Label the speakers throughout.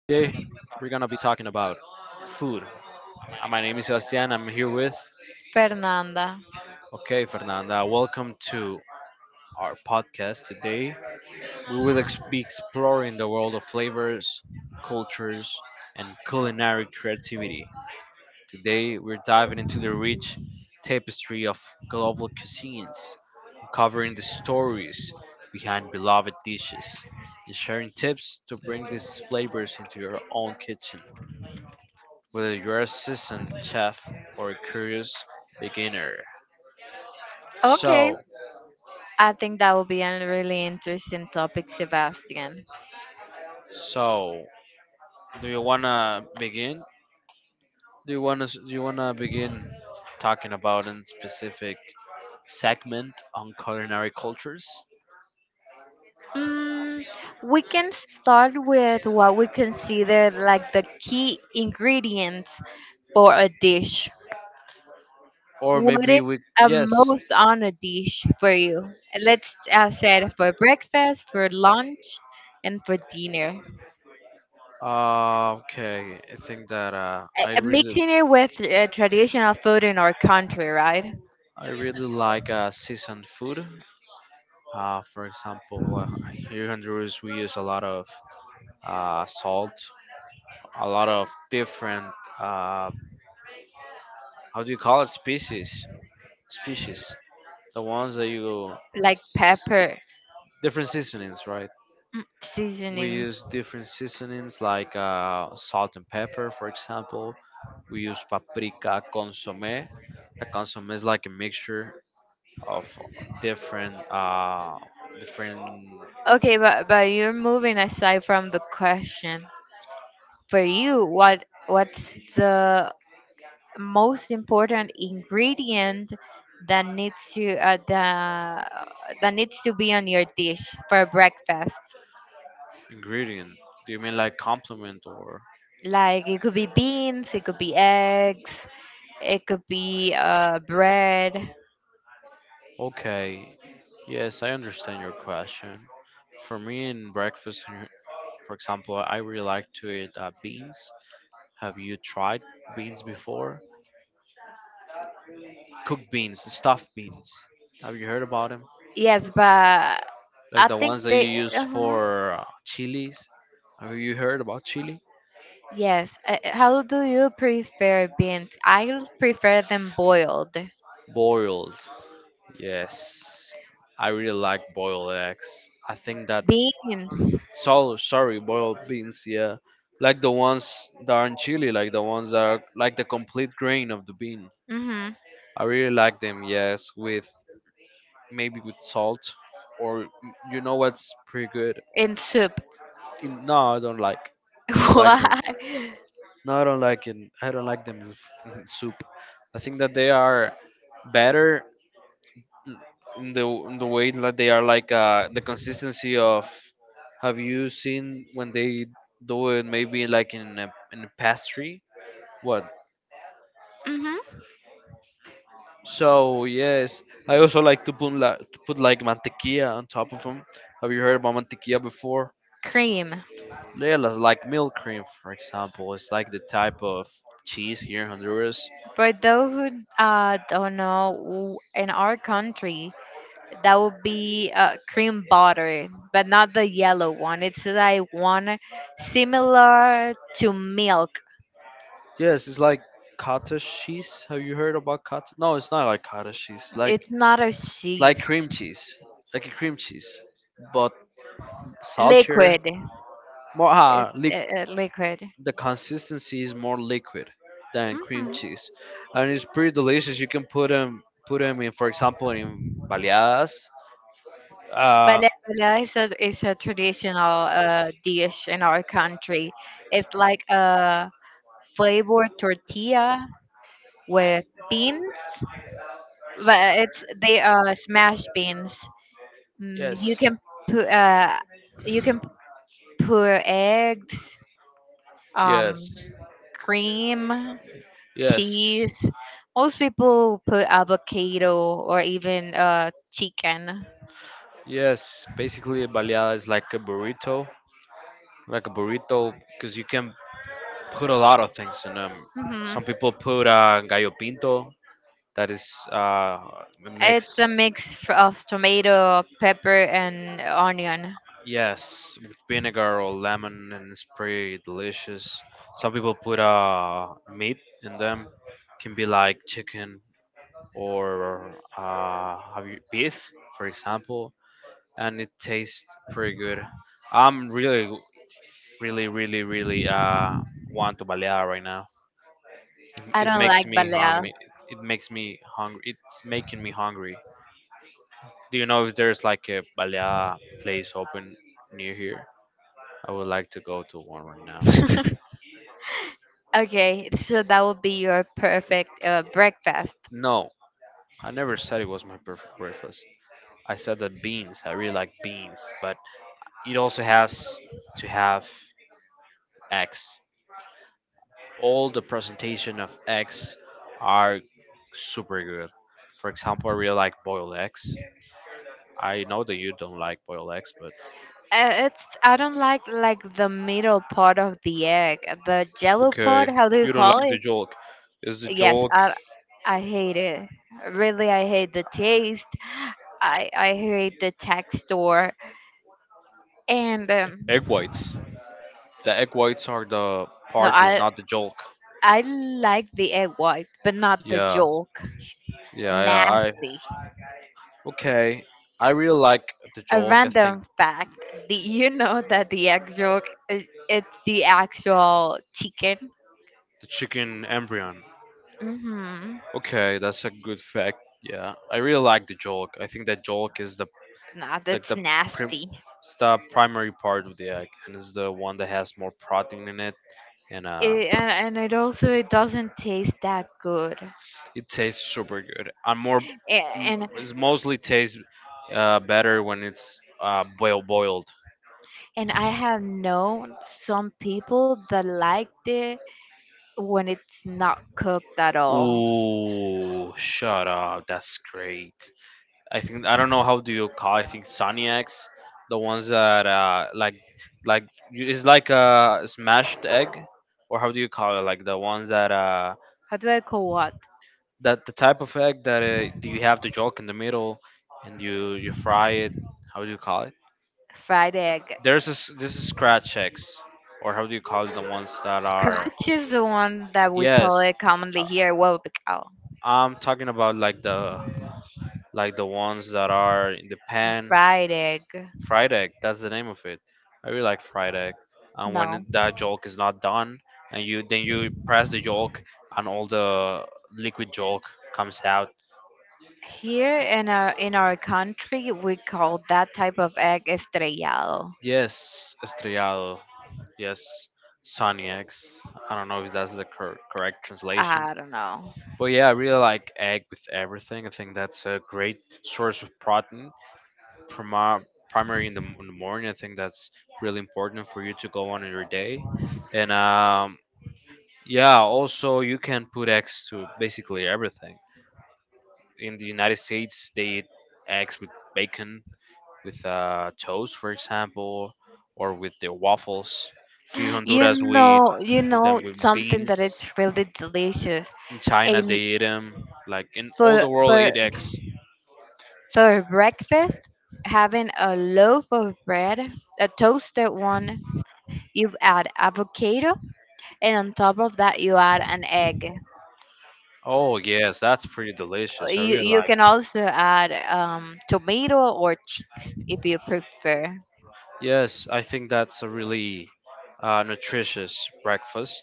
Speaker 1: we're gonna be talking about food. My name is Sebastian. I'm here with.
Speaker 2: Fernanda.
Speaker 1: Okay, Fernanda, welcome to our podcast today. We will be exploring the world of flavors, cultures, and culinary creativity. Today, we're diving into the rich tapestry of global cuisines, uncovering the stories behind beloved dishes, and sharing tips to bring these flavors into your own kitchen, whether you're a seasoned chef or a curious beginner.
Speaker 2: Okay.
Speaker 1: So,
Speaker 2: I think that will be a really interesting topic, Sebastian.
Speaker 1: so, do you wanna begin? Do you wanna begin talking about a specific segment on culinary cultures?
Speaker 2: Mm, we can start with what we consider like the key ingredients for a dish.
Speaker 1: Or
Speaker 2: What is
Speaker 1: maybe we
Speaker 2: a
Speaker 1: yes.
Speaker 2: most on a dish for you? Let's say it for breakfast, for lunch, and for dinner.
Speaker 1: Okay, I think that
Speaker 2: Mixing it with traditional food in our country, right?
Speaker 1: I really like seasoned food. For example, here in Honduras we use a lot of salt, a lot of different uh, how do you call it species species the ones that you
Speaker 2: Like
Speaker 1: s-
Speaker 2: pepper,
Speaker 1: different seasonings, right.
Speaker 2: mm,
Speaker 1: We
Speaker 2: seasonings.
Speaker 1: use different seasonings like salt and pepper, for example. We use paprika, consomme. The consomme is like a mixture of different different
Speaker 2: Okay, but you're moving aside from the question. For you, what's the most important ingredient that needs to the that needs to be on your dish for breakfast?
Speaker 1: ingredient, do you mean like complement or
Speaker 2: Like it could be beans, it could be eggs, it could be bread.
Speaker 1: okay, yes, I understand your question. For me in breakfast here, for example, I really like to eat beans. Have you tried beans before? Cooked beans, stuffed beans, have you heard about them?
Speaker 2: Yes, but
Speaker 1: Like
Speaker 2: I
Speaker 1: the
Speaker 2: think
Speaker 1: ones that you
Speaker 2: they.
Speaker 1: use
Speaker 2: uh
Speaker 1: for chilies. Have you heard about chili?
Speaker 2: Yes. How do you prefer beans? I prefer them boiled.
Speaker 1: Boiled. Yes, I really like boiled eggs. I think that
Speaker 2: Beans.
Speaker 1: so sorry boiled beans. Yeah, like the ones that are in Chile, like the ones that are like the complete grain of the bean.
Speaker 2: Hmm.
Speaker 1: I really like them. Yes, with maybe with salt, or you know what's pretty good.
Speaker 2: In soup.
Speaker 1: In, no, I don't like. I don't like
Speaker 2: Why?
Speaker 1: them. No, I don't like it. I don't like them in, in soup. I think that they are better in the way that they are like the consistency of have you seen when they do it maybe like in a pastry what
Speaker 2: Hmm.
Speaker 1: so yes I also like to put like mantequilla on top of them. Have you heard about mantequilla before?
Speaker 2: Cream.
Speaker 1: Yeah, that's like milk cream, for example. It's like the type of cheese here in Honduras.
Speaker 2: For those who don't know, in our country, that would be cream butter, but not the yellow one. It's like one similar to milk.
Speaker 1: Yes, it's like cottage cheese. Have you heard about cottage? No, it's not like cottage cheese,
Speaker 2: It's not a
Speaker 1: like
Speaker 2: sheaf.
Speaker 1: cream cheese, like a cream cheese, but saltier.
Speaker 2: Liquid.
Speaker 1: More liq,
Speaker 2: It's liquid.
Speaker 1: the consistency is more liquid than cream
Speaker 2: Hmm.
Speaker 1: cheese, and it's pretty delicious. You can put them in, for example, in baleadas. Uh,
Speaker 2: Bale is a traditional dish in our country. It's like a flavored tortilla with beans, but it's they are smashed beans. You
Speaker 1: yes,
Speaker 2: can put you can put eggs, um,
Speaker 1: yes,
Speaker 2: cream,
Speaker 1: yes,
Speaker 2: cheese. Most people put avocado or even chicken.
Speaker 1: yes. Basically, a baleada is like a burrito, because you can put a lot of things in them.
Speaker 2: Hmm.
Speaker 1: Some people put gallo pinto, that is uh,
Speaker 2: It's
Speaker 1: mix.
Speaker 2: a mix of tomato, pepper, and onion.
Speaker 1: Yes, with vinegar or lemon and it's pretty delicious. Some people put meat in them. Can be like chicken or have you beef, for example, and it tastes pretty good. I'm really really really really want to balear right now. It,
Speaker 2: I
Speaker 1: it
Speaker 2: don't
Speaker 1: makes
Speaker 2: like
Speaker 1: me
Speaker 2: ballet.
Speaker 1: hungry. It makes me hungry. It's making me hungry. Do you know if there's like a balear place open near here? I would like to go to one right now.
Speaker 2: Okay, so that would be your perfect breakfast.
Speaker 1: No, I never said it was my perfect breakfast. I said that beans, I really like beans, but it also has to have eggs. All the presentation of eggs are super good. For example, I really like boiled eggs. I know that you don't like boiled eggs, but
Speaker 2: It's I don't like the middle part of the egg, the jello part.
Speaker 1: okay,
Speaker 2: How do you
Speaker 1: you don't
Speaker 2: call
Speaker 1: like
Speaker 2: it?
Speaker 1: the yolk. Is the
Speaker 2: Yes,
Speaker 1: yolk
Speaker 2: I hate it. Really, I hate the taste. I hate the texture. And
Speaker 1: egg whites? The egg whites are the
Speaker 2: no,
Speaker 1: part that's not the yolk.
Speaker 2: I like the egg white, but not the
Speaker 1: Yeah,
Speaker 2: yolk.
Speaker 1: yeah, yeah. I
Speaker 2: Nasty.
Speaker 1: okay. I really like the
Speaker 2: A
Speaker 1: yolk. I think
Speaker 2: random fact: do you know that the egg yolk is it's the actual chicken?
Speaker 1: the chicken embryon.
Speaker 2: Mm-hmm.
Speaker 1: Okay, that's a good fact. Yeah, I really like the yolk. I think that yolk is the
Speaker 2: Nah,
Speaker 1: like
Speaker 2: that's
Speaker 1: the prim,
Speaker 2: nasty.
Speaker 1: it's the primary part of the egg, and is the one that has more protein in it, and
Speaker 2: It, and it also it doesn't taste that good.
Speaker 1: it tastes super good. I'm more,
Speaker 2: A- And
Speaker 1: it's mostly tastes better when it's well boiled.
Speaker 2: and I have known some people that liked it when it's not cooked at all.
Speaker 1: Ooh, shut up. That's great. I think I don't know how do you call. I think Soniacs, the ones that like you- it's like a smashed egg, or how do you call it? Like the ones that
Speaker 2: How do I call what?
Speaker 1: that the type of egg that do you have the yolk in the middle, and you fry it. How do you call it?
Speaker 2: Fried egg.
Speaker 1: There's this this is scratch eggs, or how do you call it? The ones that are
Speaker 2: Scratch is the one that we call
Speaker 1: yes.
Speaker 2: it commonly
Speaker 1: I-
Speaker 2: here, huevo picado.
Speaker 1: I'm talking about like the ones that are in the pan
Speaker 2: Fried egg.
Speaker 1: fried egg. That's the name of it. I really like fried egg. And when
Speaker 2: No.
Speaker 1: that yolk is not done, and you then you press the yolk, and all the liquid yolk comes out.
Speaker 2: Here in our country, we call that type of egg estrellado.
Speaker 1: Yes, estrellado. Yes, sunny eggs. I don't know if that's the correct translation.
Speaker 2: I don't know.
Speaker 1: But yeah, I really like egg with everything. I think that's a great source of protein. Prima- primary in the, in the morning, I think that's really important for you to go on in your day. And yeah, also you can put eggs to basically everything. In the United States, they eat eggs with bacon, with toast, for example, or with the waffles. Here in
Speaker 2: You
Speaker 1: Honduras, we eat
Speaker 2: know, you
Speaker 1: them
Speaker 2: know
Speaker 1: with
Speaker 2: something
Speaker 1: beans.
Speaker 2: that it's really delicious.
Speaker 1: In
Speaker 2: A
Speaker 1: China, they eat them.
Speaker 2: l-
Speaker 1: Like in all
Speaker 2: for
Speaker 1: the world,
Speaker 2: for
Speaker 1: eat eggs.
Speaker 2: for breakfast, having a loaf of bread, a toasted one, you add avocado, and on top of that, you add an egg.
Speaker 1: Oh yes, that's pretty delicious. I really
Speaker 2: You
Speaker 1: like.
Speaker 2: can also add tomato or cheese if you prefer.
Speaker 1: Yes, I think that's a really nutritious breakfast,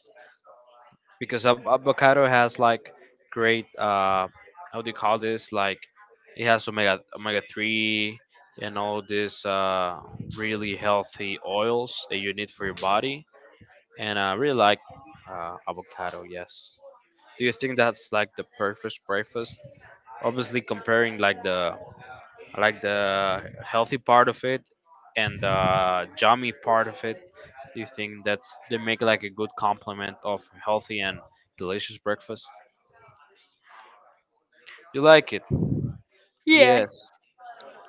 Speaker 1: because avocado has like great how do you call this, like it has omega 3 and all this really healthy oils that you need for your body, and I really like avocado. Yes, do you think that's like the perfect breakfast, obviously comparing like the healthy part of it and the jammy part of it? Do you think that's they make like a good complement of healthy and delicious breakfast? You like it?
Speaker 2: Yeah.
Speaker 1: Yes,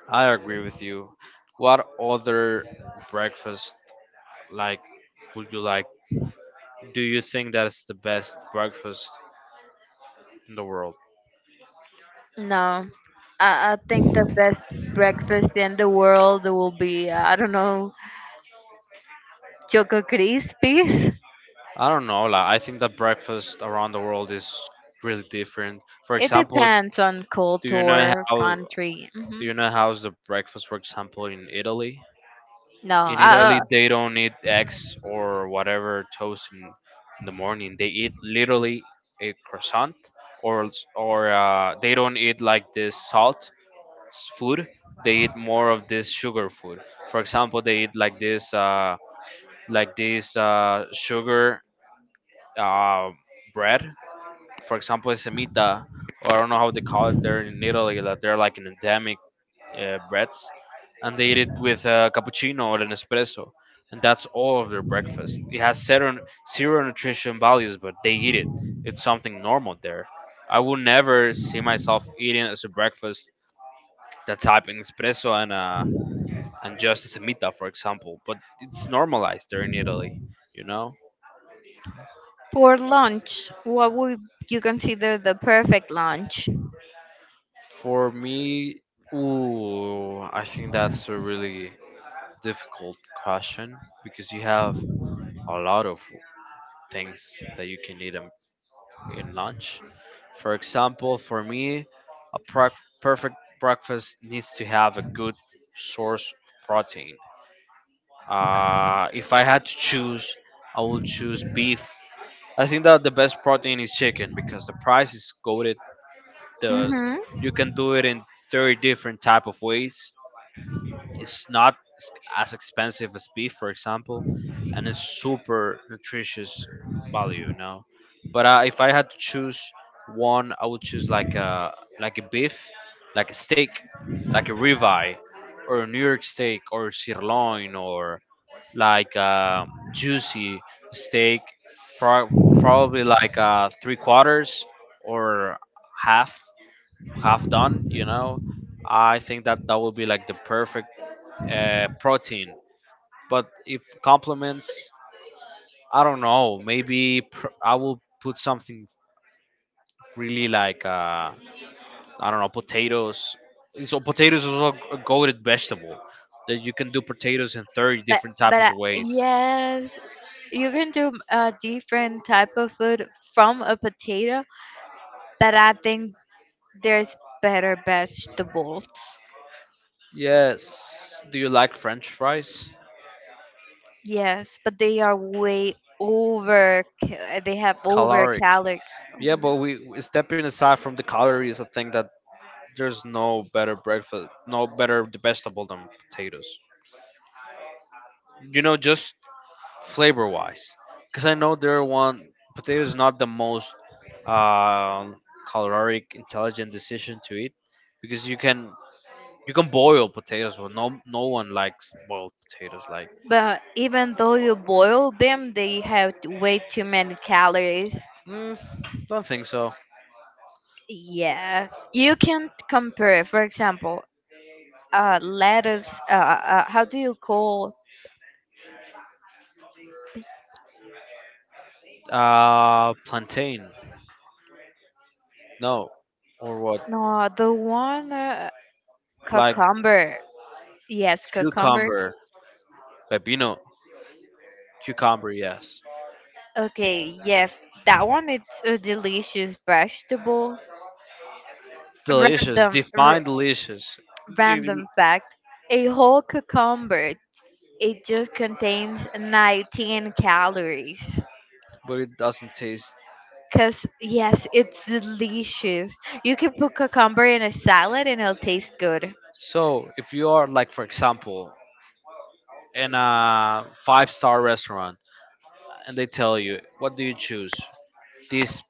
Speaker 1: I agree with you. What other breakfast like would you like? Do you think that's the best breakfast in the world?
Speaker 2: No, I think the best breakfast in the world will be, I don't know, Choco Crispies.
Speaker 1: I don't know. Like, I think that breakfast around the world is really different. For
Speaker 2: It
Speaker 1: example,
Speaker 2: depends on
Speaker 1: do you know
Speaker 2: culture,
Speaker 1: how
Speaker 2: country. Hmm.
Speaker 1: do you know how's the breakfast, for example, in Italy?
Speaker 2: No,
Speaker 1: In
Speaker 2: I
Speaker 1: Italy, they don't eat eggs or whatever toast in the morning. They eat literally a croissant, or they don't eat like this salt food. They eat more of this sugar food. For example, they eat like this sugar uh, bread. For example, semita, or I don't know how they call it there in Italy. That they're like an endemic breads, and they eat it with a cappuccino or an espresso, and that's all of their breakfast. It has zero, zero nutrition values, but they eat it. It's something normal there. I will never see myself eating as a breakfast the type an espresso and just a semita, for example, but it's normalized there in Italy, you know.
Speaker 2: For lunch, what would you consider the perfect lunch?
Speaker 1: For me, ooh, I think that's a really difficult question because you have a lot of things that you can eat in lunch. For example, for me, a perfect breakfast needs to have a good source of protein. If I had to choose, I would choose beef. I think that the best protein is chicken because the price is goaded. The
Speaker 2: Mm-hmm.
Speaker 1: you can do it in 30 different type of ways. It's not as expensive as beef, for example, and it's super nutritious value, you know. But if I had to choose one, I would choose like a beef, like a steak, like a ribeye, or a New York steak, or sirloin, or like a juicy steak, pro- probably like three quarters or half have done, you know. I think that that will be like the perfect protein. But if complements, I don't know, maybe I will put something really like I don't know, potatoes. So potatoes is also a goaded vegetable that you can do potatoes in 30
Speaker 2: But
Speaker 1: different types
Speaker 2: but
Speaker 1: of ways.
Speaker 2: yes, you can do a different type of food from a potato, but I think there's better vegetables.
Speaker 1: Yes, do you like french fries?
Speaker 2: Yes, but they are way over. They have over
Speaker 1: Caloric,
Speaker 2: calories.
Speaker 1: yeah, but stepping aside from the calories I think that there's no better breakfast, no better vegetable than potatoes. You know, just flavor wise, because I know there are one potato is not the most uh, caloric, intelligent decision to eat, because you can boil potatoes, but no one likes boiled potatoes. Like,
Speaker 2: But even though you boil them, they have way too many calories.
Speaker 1: mm, don't think so.
Speaker 2: Yes, you can compare. For example, lettuce. How do you call?
Speaker 1: Plantain, no, or what?
Speaker 2: No, the one
Speaker 1: Like
Speaker 2: cucumber. Yes, cucumber.
Speaker 1: cucumber, pepino, cucumber, yes.
Speaker 2: Okay, yes, that one. It's a delicious vegetable.
Speaker 1: Delicious,
Speaker 2: Random, r-
Speaker 1: define delicious, it,
Speaker 2: Random fact: a whole cucumber. It just contains 19 calories.
Speaker 1: but it doesn't taste.
Speaker 2: Cause yes, it's delicious. You can put cucumber in a salad and it'll taste good.
Speaker 1: So if you are like, for example, in a five-star restaurant and they tell you, what do you choose? These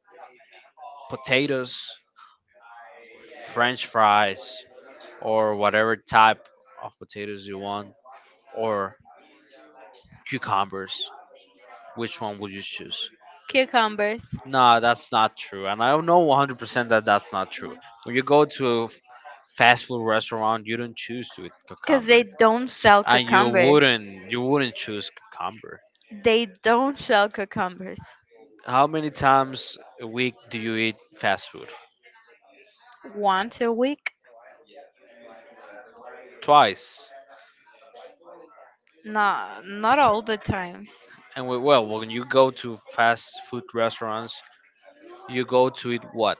Speaker 1: potatoes, French fries, or whatever type of potatoes you want, or cucumbers. Which one would you choose?
Speaker 2: Cucumbers.
Speaker 1: No, that's not true, and I don't know 100% that that's not true. When you go to a fast food restaurant, you don't choose to eat
Speaker 2: Cause
Speaker 1: cucumber.
Speaker 2: they don't sell
Speaker 1: And you
Speaker 2: cucumbers.
Speaker 1: wouldn't you wouldn't choose cucumber.
Speaker 2: They don't shell cucumbers.
Speaker 1: How many times a week do you eat fast food?
Speaker 2: Once a week?
Speaker 1: Twice.
Speaker 2: No, not all the times.
Speaker 1: Well, when you go to fast food restaurants, you go to eat what?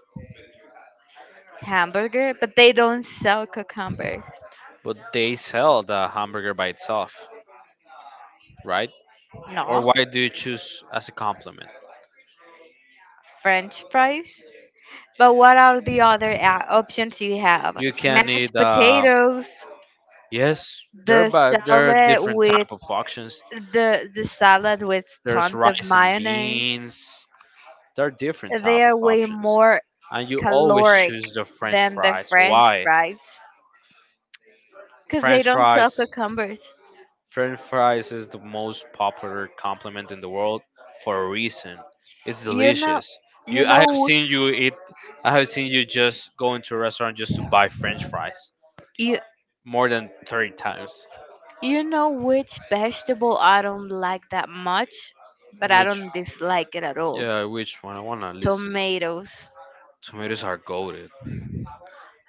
Speaker 2: Hamburger, but they don't sell cucumbers.
Speaker 1: But they sell the hamburger by itself, right? Or
Speaker 2: No.
Speaker 1: why do you choose as a compliment?
Speaker 2: French fries? But what are the other options you have?
Speaker 1: You can
Speaker 2: Smashed
Speaker 1: eat.
Speaker 2: potatoes,
Speaker 1: Yes, there are
Speaker 2: the
Speaker 1: but there are
Speaker 2: salad
Speaker 1: different
Speaker 2: with
Speaker 1: type of options.
Speaker 2: the salad with
Speaker 1: There's
Speaker 2: tons of
Speaker 1: rice and
Speaker 2: mayonnaise.
Speaker 1: beans. There are different type
Speaker 2: They
Speaker 1: of
Speaker 2: are way
Speaker 1: options,
Speaker 2: more
Speaker 1: and you always
Speaker 2: caloric
Speaker 1: choose the French
Speaker 2: than the
Speaker 1: fries.
Speaker 2: French
Speaker 1: Why?
Speaker 2: fries because they
Speaker 1: French
Speaker 2: don't sell
Speaker 1: fries.
Speaker 2: cucumbers.
Speaker 1: French fries is the most popular compliment in the world for a reason. It's
Speaker 2: You know,
Speaker 1: delicious.
Speaker 2: you
Speaker 1: I have
Speaker 2: know
Speaker 1: seen you eat. I have seen you just go into a restaurant just to buy French fries
Speaker 2: You
Speaker 1: more than 30 times.
Speaker 2: you know which vegetable I don't like that much, but I
Speaker 1: Which,
Speaker 2: don't dislike it at all.
Speaker 1: yeah, which one? I wanna listen.
Speaker 2: Tomatoes.
Speaker 1: Tomatoes are golden.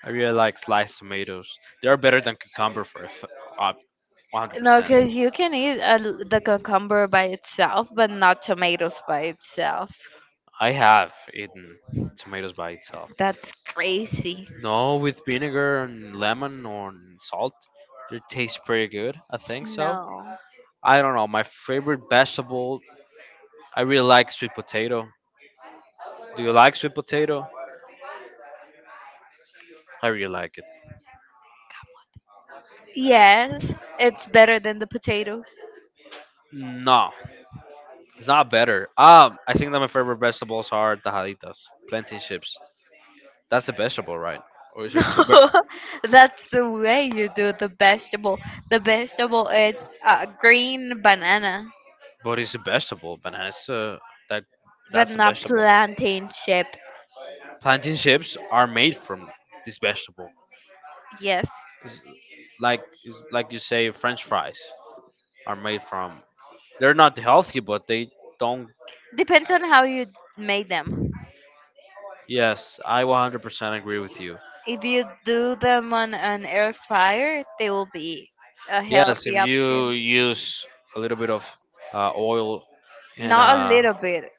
Speaker 1: I really like sliced tomatoes. They are better than cucumber for a uh,
Speaker 2: No,
Speaker 1: 100%.
Speaker 2: because you can eat the cucumber by itself, but not tomatoes by itself.
Speaker 1: I have eaten tomatoes by itself.
Speaker 2: That's crazy.
Speaker 1: No, with vinegar and lemon or salt. It tastes pretty good. I think so.
Speaker 2: No.
Speaker 1: I don't know. My favorite vegetable. I really like sweet potato. Do you like sweet potato? I really like it.
Speaker 2: Yes, it's better than the potatoes.
Speaker 1: No, it's not better. I think that my favorite vegetables are tajaditas, plantain chips. That's a vegetable, right? Or is
Speaker 2: No,
Speaker 1: there two?
Speaker 2: that's the way you do the vegetable. The vegetable it's green banana,
Speaker 1: But it's a vegetable? Bananas. That
Speaker 2: but
Speaker 1: that's a
Speaker 2: not
Speaker 1: vegetable.
Speaker 2: plantain chip.
Speaker 1: Plantain chips are made from this vegetable.
Speaker 2: Yes.
Speaker 1: It's like you say, French fries are made from. They're not healthy, but they don't.
Speaker 2: Depends on how you made them.
Speaker 1: Yes, I 100% agree with you.
Speaker 2: If you do them on an air fryer, they will be a
Speaker 1: Yes,
Speaker 2: healthy
Speaker 1: if you
Speaker 2: option.
Speaker 1: use a little bit of oil and
Speaker 2: Not a little bit,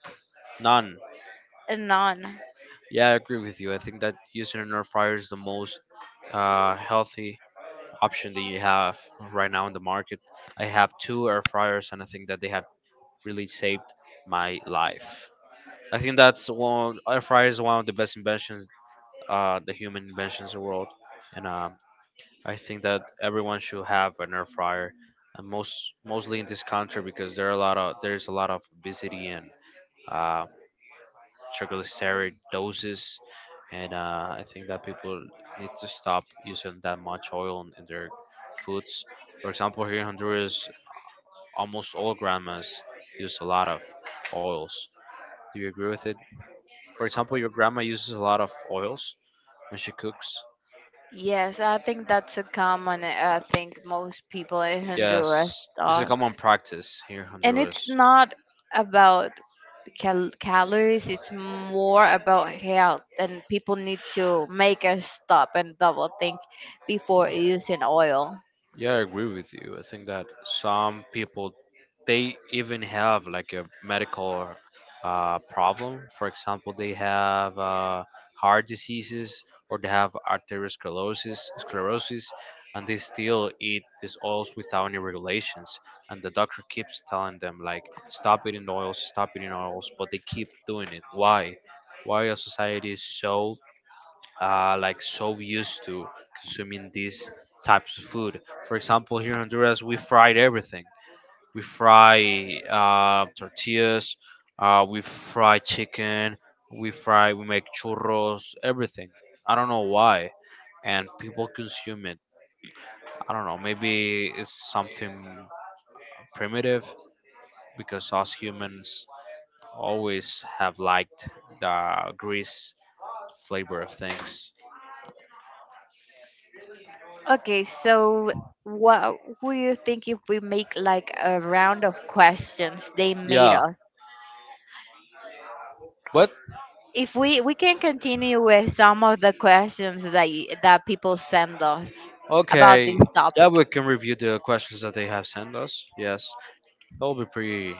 Speaker 1: none.
Speaker 2: a none.
Speaker 1: Yeah, I agree with you. I think that using an air fryer is the most healthy option that you have right now in the market. I have two air fryers, and I think that they have really saved my life. I think that's one air fryer is one of the best inventions, the human inventions in the world, and I think that everyone should have an air fryer, and mostly in this country because there are a lot of there's a lot of obesity and uh, triglyceride doses, and I think that people need to stop using that much oil in their foods. For example, here in Honduras, almost all grandmas use a lot of oils. Do you agree with it? For example, your grandma uses a lot of oils when she cooks.
Speaker 2: Yes, I think that's a common thing most people in Honduras
Speaker 1: Yes, this is a
Speaker 2: thought.
Speaker 1: common practice here in
Speaker 2: And it's
Speaker 1: Honduras.
Speaker 2: not about calories, it's more about health. And people need to make a stop and double think before using oil.
Speaker 1: Yeah, I agree with you. I think that some people they even have like a medical problem. For example, they have heart diseases or they have arteriosclerosis, sclerosis, and they still eat these oils without any regulations. And the doctor keeps telling them like, stop eating oils, but they keep doing it. Why? Why our society is so so used to consuming these types of food. For example, here in Honduras, we fried everything. We fry tortillas, we fry chicken, we fry, we make churros, everything. I don't know why, and people consume it. I don't know. Maybe it's something primitive because us humans always have liked the grease flavor of things.
Speaker 2: Okay, so what would you think if we make like a round of questions they made
Speaker 1: Yeah,
Speaker 2: us?
Speaker 1: but
Speaker 2: If we can continue with some of the questions that that people send us about
Speaker 1: okay,
Speaker 2: this
Speaker 1: that
Speaker 2: topic.
Speaker 1: we can review the questions that they have sent us. Yes, that will be pretty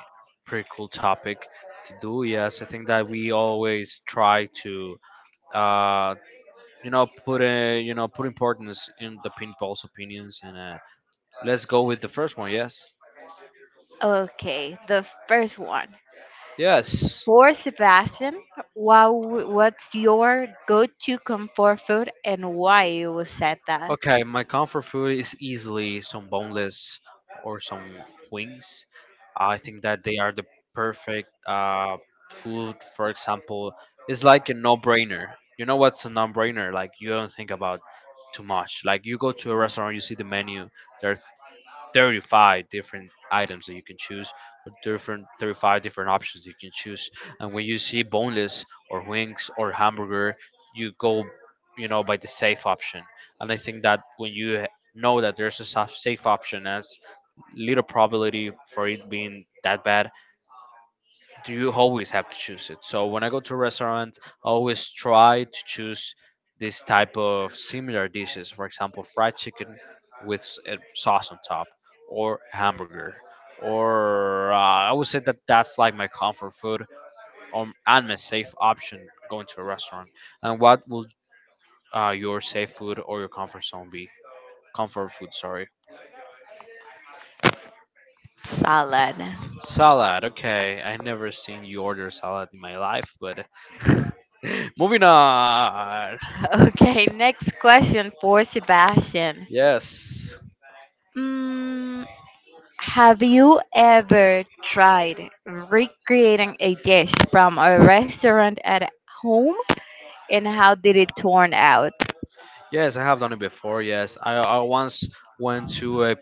Speaker 1: pretty cool topic to do. Yes, I think that we always try to uh you know put a put importance in the pinball's opinions and let's go with the first one. Yes.
Speaker 2: Okay, the first one.
Speaker 1: Yes.
Speaker 2: For Sebastian, what what's your go-to comfort food and why you said that?
Speaker 1: Okay, my comfort food is easily some boneless or some wings. I think that they are the perfect food. For example, it's like a no-brainer. You know what's a no-brainer? Like you don't think about too much. Like you go to a restaurant, you see the menu. There are 35 different items that you can choose or different 35 different options you can choose, and when you see boneless or wings or hamburger you go, you know, by the safe option. And I think that when you know that there's a safe option as little probability for it being that bad, do you always have to choose it? So when I go to a restaurant, I always try to choose this type of similar dishes. For example, fried chicken with sauce on top, or hamburger, or I would say that that's like my comfort food, and my safe option going to a restaurant. And what will your safe food or your comfort zone be? Comfort food, sorry.
Speaker 2: Salad.
Speaker 1: Salad. Okay, I never seen you order salad in my life, but moving on.
Speaker 2: Okay, next question for Sebastian.
Speaker 1: Yes,
Speaker 2: Mm, Have you ever tried recreating a dish from a restaurant at home and how did it turn out?
Speaker 1: yes, I have done it before. Yes, I once went to a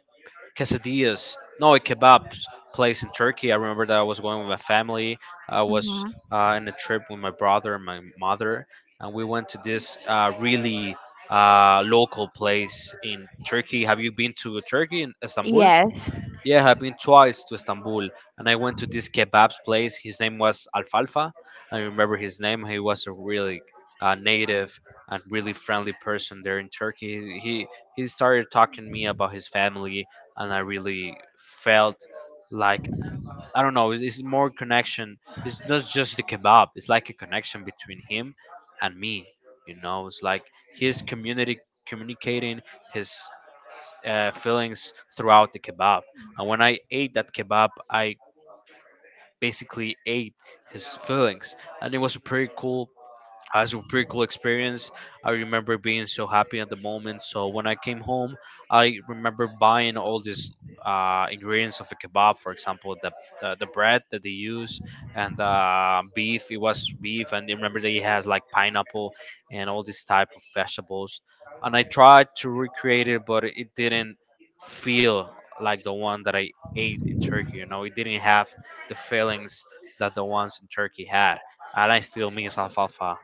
Speaker 1: quesadillas, no, a kebab place in Turkey. I remember that I was going with my family. I was
Speaker 2: Mhm.
Speaker 1: in a trip with my brother and my mother, and we went to this really local place in Turkey. Have you been to Turkey in Istanbul?
Speaker 2: Yes.
Speaker 1: Yeah, I've been twice to Istanbul, and I went to this kebabs place. His name was Alfalfa. I remember his name. He was a really native and really friendly person there in Turkey. He started talking to me about his family, and I really felt like I don't know. It's more connection. It's not just the kebab. It's like a connection between him and me. You know, it's like his community communicating his fillings throughout the kebab. And when I ate that kebab, I basically ate his fillings, and it was a pretty cool it was a pretty cool experience. I remember being so happy at the moment. So when I came home, I remember buying all these ingredients of a kebab, for example, the bread that they use and beef. It was beef, and I remember that it has like pineapple and all these type of vegetables. And I tried to recreate it, but it didn't feel like the one that I ate in Turkey. You know, it didn't have the feelings that the ones in Turkey had, and I still miss alfalfa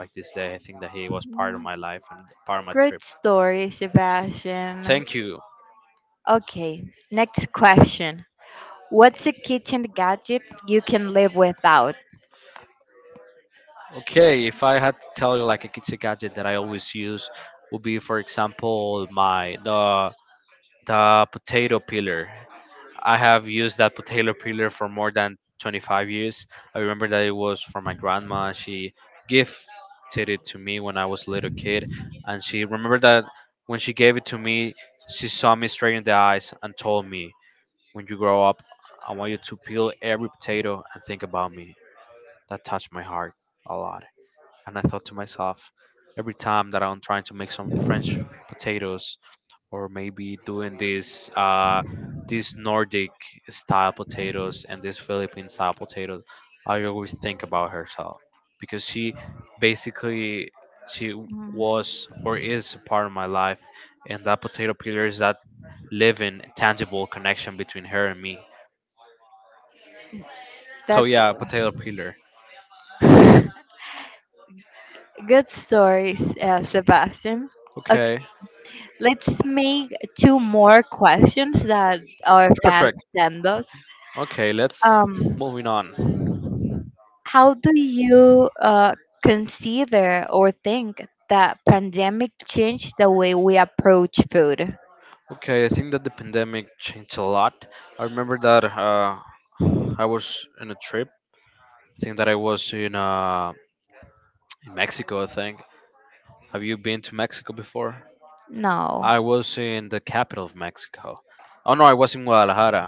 Speaker 1: back this day. I think that he was part of my life and part of my.
Speaker 2: Great story, Sebastian.
Speaker 1: Thank you.
Speaker 2: Okay, next question. What's a kitchen gadget you can live without?
Speaker 1: Okay, if I had to tell you like a it's a gadget that I always use would be, for example, my the potato peeler. I have used that potato peeler for more than 25 years. I remember that it was from my grandma. She gifted it to me when I was a little kid, and she remembered that when she gave it to me, she saw me straight in the eyes and told me, when you grow up, I want you to peel every potato and think about me. That touched my heart a lot. And I thought to myself, every time that I'm trying to make some French potatoes or maybe doing this these Nordic style potatoes and these Philippine style potatoes, I always think about herself because she basically she was or is a part of my life, and that potato peeler is that living tangible connection between her and me. So
Speaker 2: That's
Speaker 1: yeah, potato peeler.
Speaker 2: good stories, Sebastian.
Speaker 1: Okay,
Speaker 2: Let's make two more questions that our fans
Speaker 1: perfect.
Speaker 2: send us.
Speaker 1: Okay, let's
Speaker 2: Um,
Speaker 1: moving on.
Speaker 2: how do you consider or think that pandemic changed the way we approach food?
Speaker 1: Okay, I think that the pandemic changed a lot. I remember that I was in a trip. I think that I was in Mexico. I think. Have you been to Mexico before?
Speaker 2: No.
Speaker 1: I was in the capital of Mexico. Oh no, I was in Guadalajara.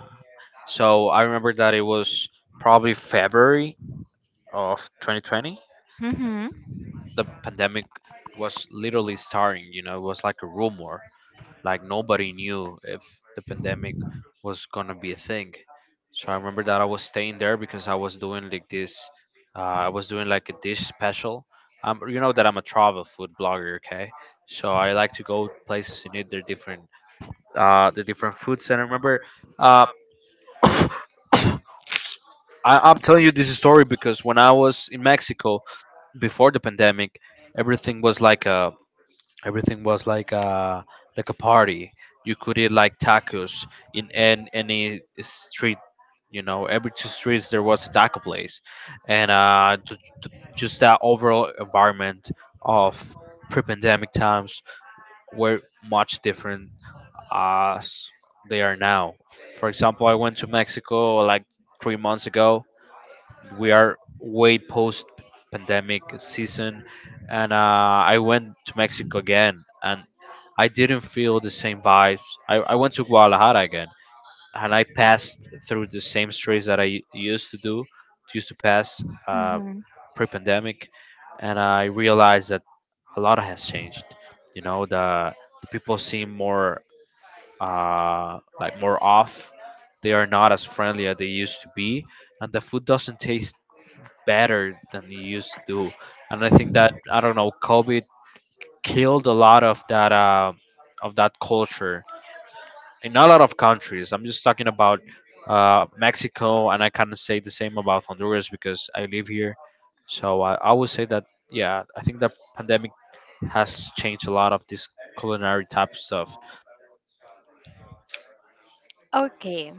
Speaker 1: So I remember that it was probably February of 2020.
Speaker 2: Mm-hmm.
Speaker 1: The pandemic was literally starting. You know, it was like a rumor. Like nobody knew if the pandemic was gonna be a thing. So I remember that I was staying there because I was doing like this. Uh, I was doing like a dish special. You know that I'm a travel food blogger, okay? So I like to go places and eat their different, the different foods. And I remember, uh, I, I'm telling you this story because when I was in Mexico before the pandemic, everything was like a everything was like a party. You could eat like tacos in any street. You know, every two streets there was a taco place, and just that overall environment of pre-pandemic times were much different as they are now. For example, I went to Mexico like 3 months ago. We are way post pandemic season, and I went to Mexico again, and I didn't feel the same vibes. I went to Guadalajara again and I passed through the same streets that I used to pass,
Speaker 2: Mm-hmm.
Speaker 1: pre-pandemic, and I realized that a lot has changed. you know the, the people seem more like more off. They are not as friendly as they used to be, and the food doesn't taste better than he used to. And I think that I don't know, COVID killed a lot of that culture in a lot of countries. I'm just talking about Mexico, and I can't say the same about Honduras because I live here. So I would say that yeah, I think the pandemic has changed a lot of this culinary type of stuff.
Speaker 2: Okay.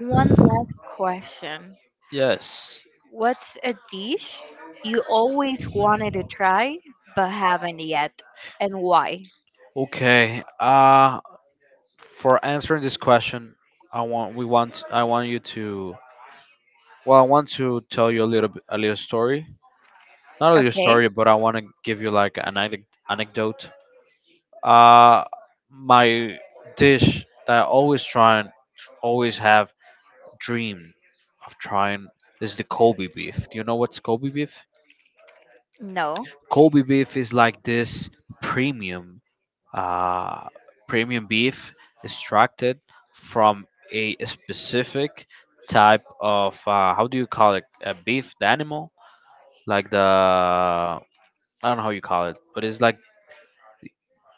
Speaker 2: One last question.
Speaker 1: Yes.
Speaker 2: What's a dish you always wanted to try but haven't yet, and why?
Speaker 1: Okay. For answering this question, I want you to I want to tell you a little bit, a little story. Not a little
Speaker 2: Okay.
Speaker 1: story, but I want to give you like an anecdote. Uh, my dish that I always try and always have dreamed of trying is the Kobe beef. Do you know what's Kobe beef?
Speaker 2: No.
Speaker 1: Kobe beef is like this premium, uh, premium beef extracted from a specific type of, how do you call it? A beef, the animal, like the I don't know how you call it, but it's like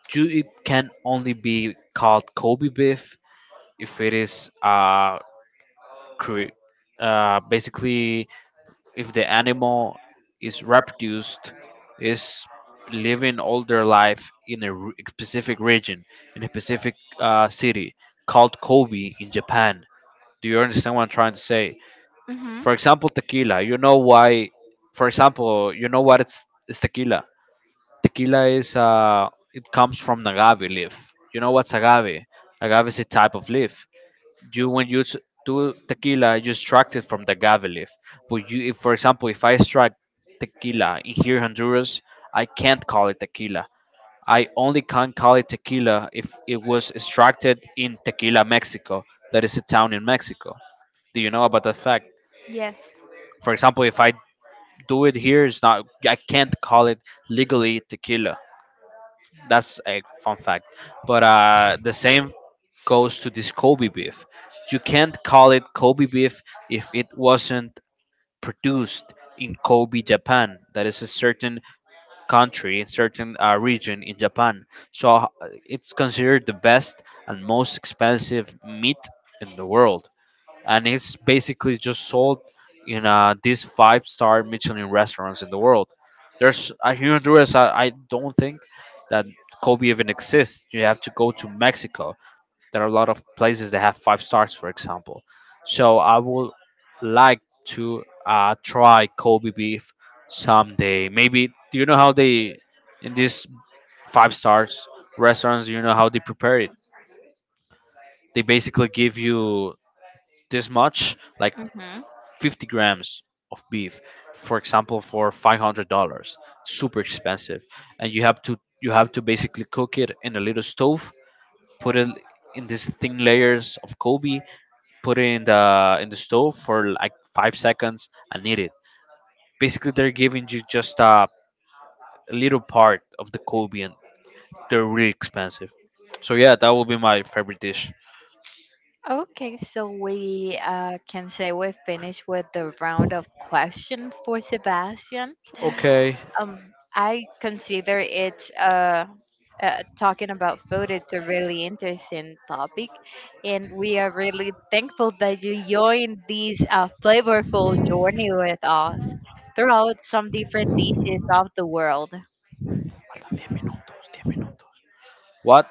Speaker 1: it can only be called Kobe beef if it is cre- basically, if the animal is reproduced, is living all their life in a specific region, in a specific city called Kobe in Japan. Do you understand what I'm trying to say?
Speaker 2: Mm-hmm.
Speaker 1: For example, tequila. You know why? For example, you know what it's tequila. Tequila is, it comes from an agave leaf. You know what's agave? Agave is a type of leaf. You When you do tequila, you extract it from the agave leaf. But if for example, if I extract tequila in here in Honduras, I can't call it tequila. I only can call it tequila if it was extracted in Tequila, Mexico. That is a town in Mexico. Do you know about that fact?
Speaker 2: Yes.
Speaker 1: For example, if I do it here, it's not. I can't call it legally tequila. That's a fun fact. But the same goes to this Kobe beef. You can't call it Kobe beef if it wasn't produced in Kobe, Japan. That is a certain country, a certain, region in Japan. So it's considered the best and most expensive meat in the world, and it's basically just sold in, these five-star Michelin restaurants in the world. There's, here in Honduras, I don't think that Kobe even exists. You have to go to Mexico. There are a lot of places that have five stars, for example. So I would like to, try Kobe beef someday. Maybe do you know how they in these five stars restaurants? Do you know how they prepare it? They basically give you this much, like
Speaker 2: Hmm.
Speaker 1: 50 grams of beef, for example, for $500, super expensive, and you have to basically cook it in a little stove, put it in these thin layers of Kobe, put it in the stove for like 5 seconds and eat it. Basically, they're giving you just a little part of the Kobe, and they're really expensive. So yeah, that will be my favorite dish.
Speaker 2: Okay, so we can say we finished with the round of questions for Sebastian.
Speaker 1: Okay.
Speaker 2: I consider it talking about food. It's a really interesting topic, and we are really thankful that you joined this flavorful journey with us throughout some different dishes of the world.
Speaker 1: 10 minutos, 10 minutos. What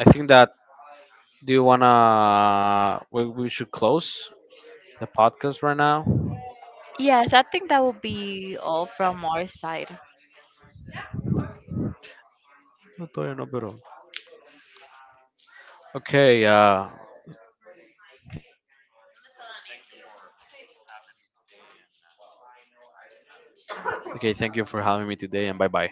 Speaker 1: I think that Do you wanna? We should close the podcast right now.
Speaker 2: Yes, I think that will be all from our side.
Speaker 1: No, todavía no, pero- Okay. Okay. Thank you for having me today, and bye bye.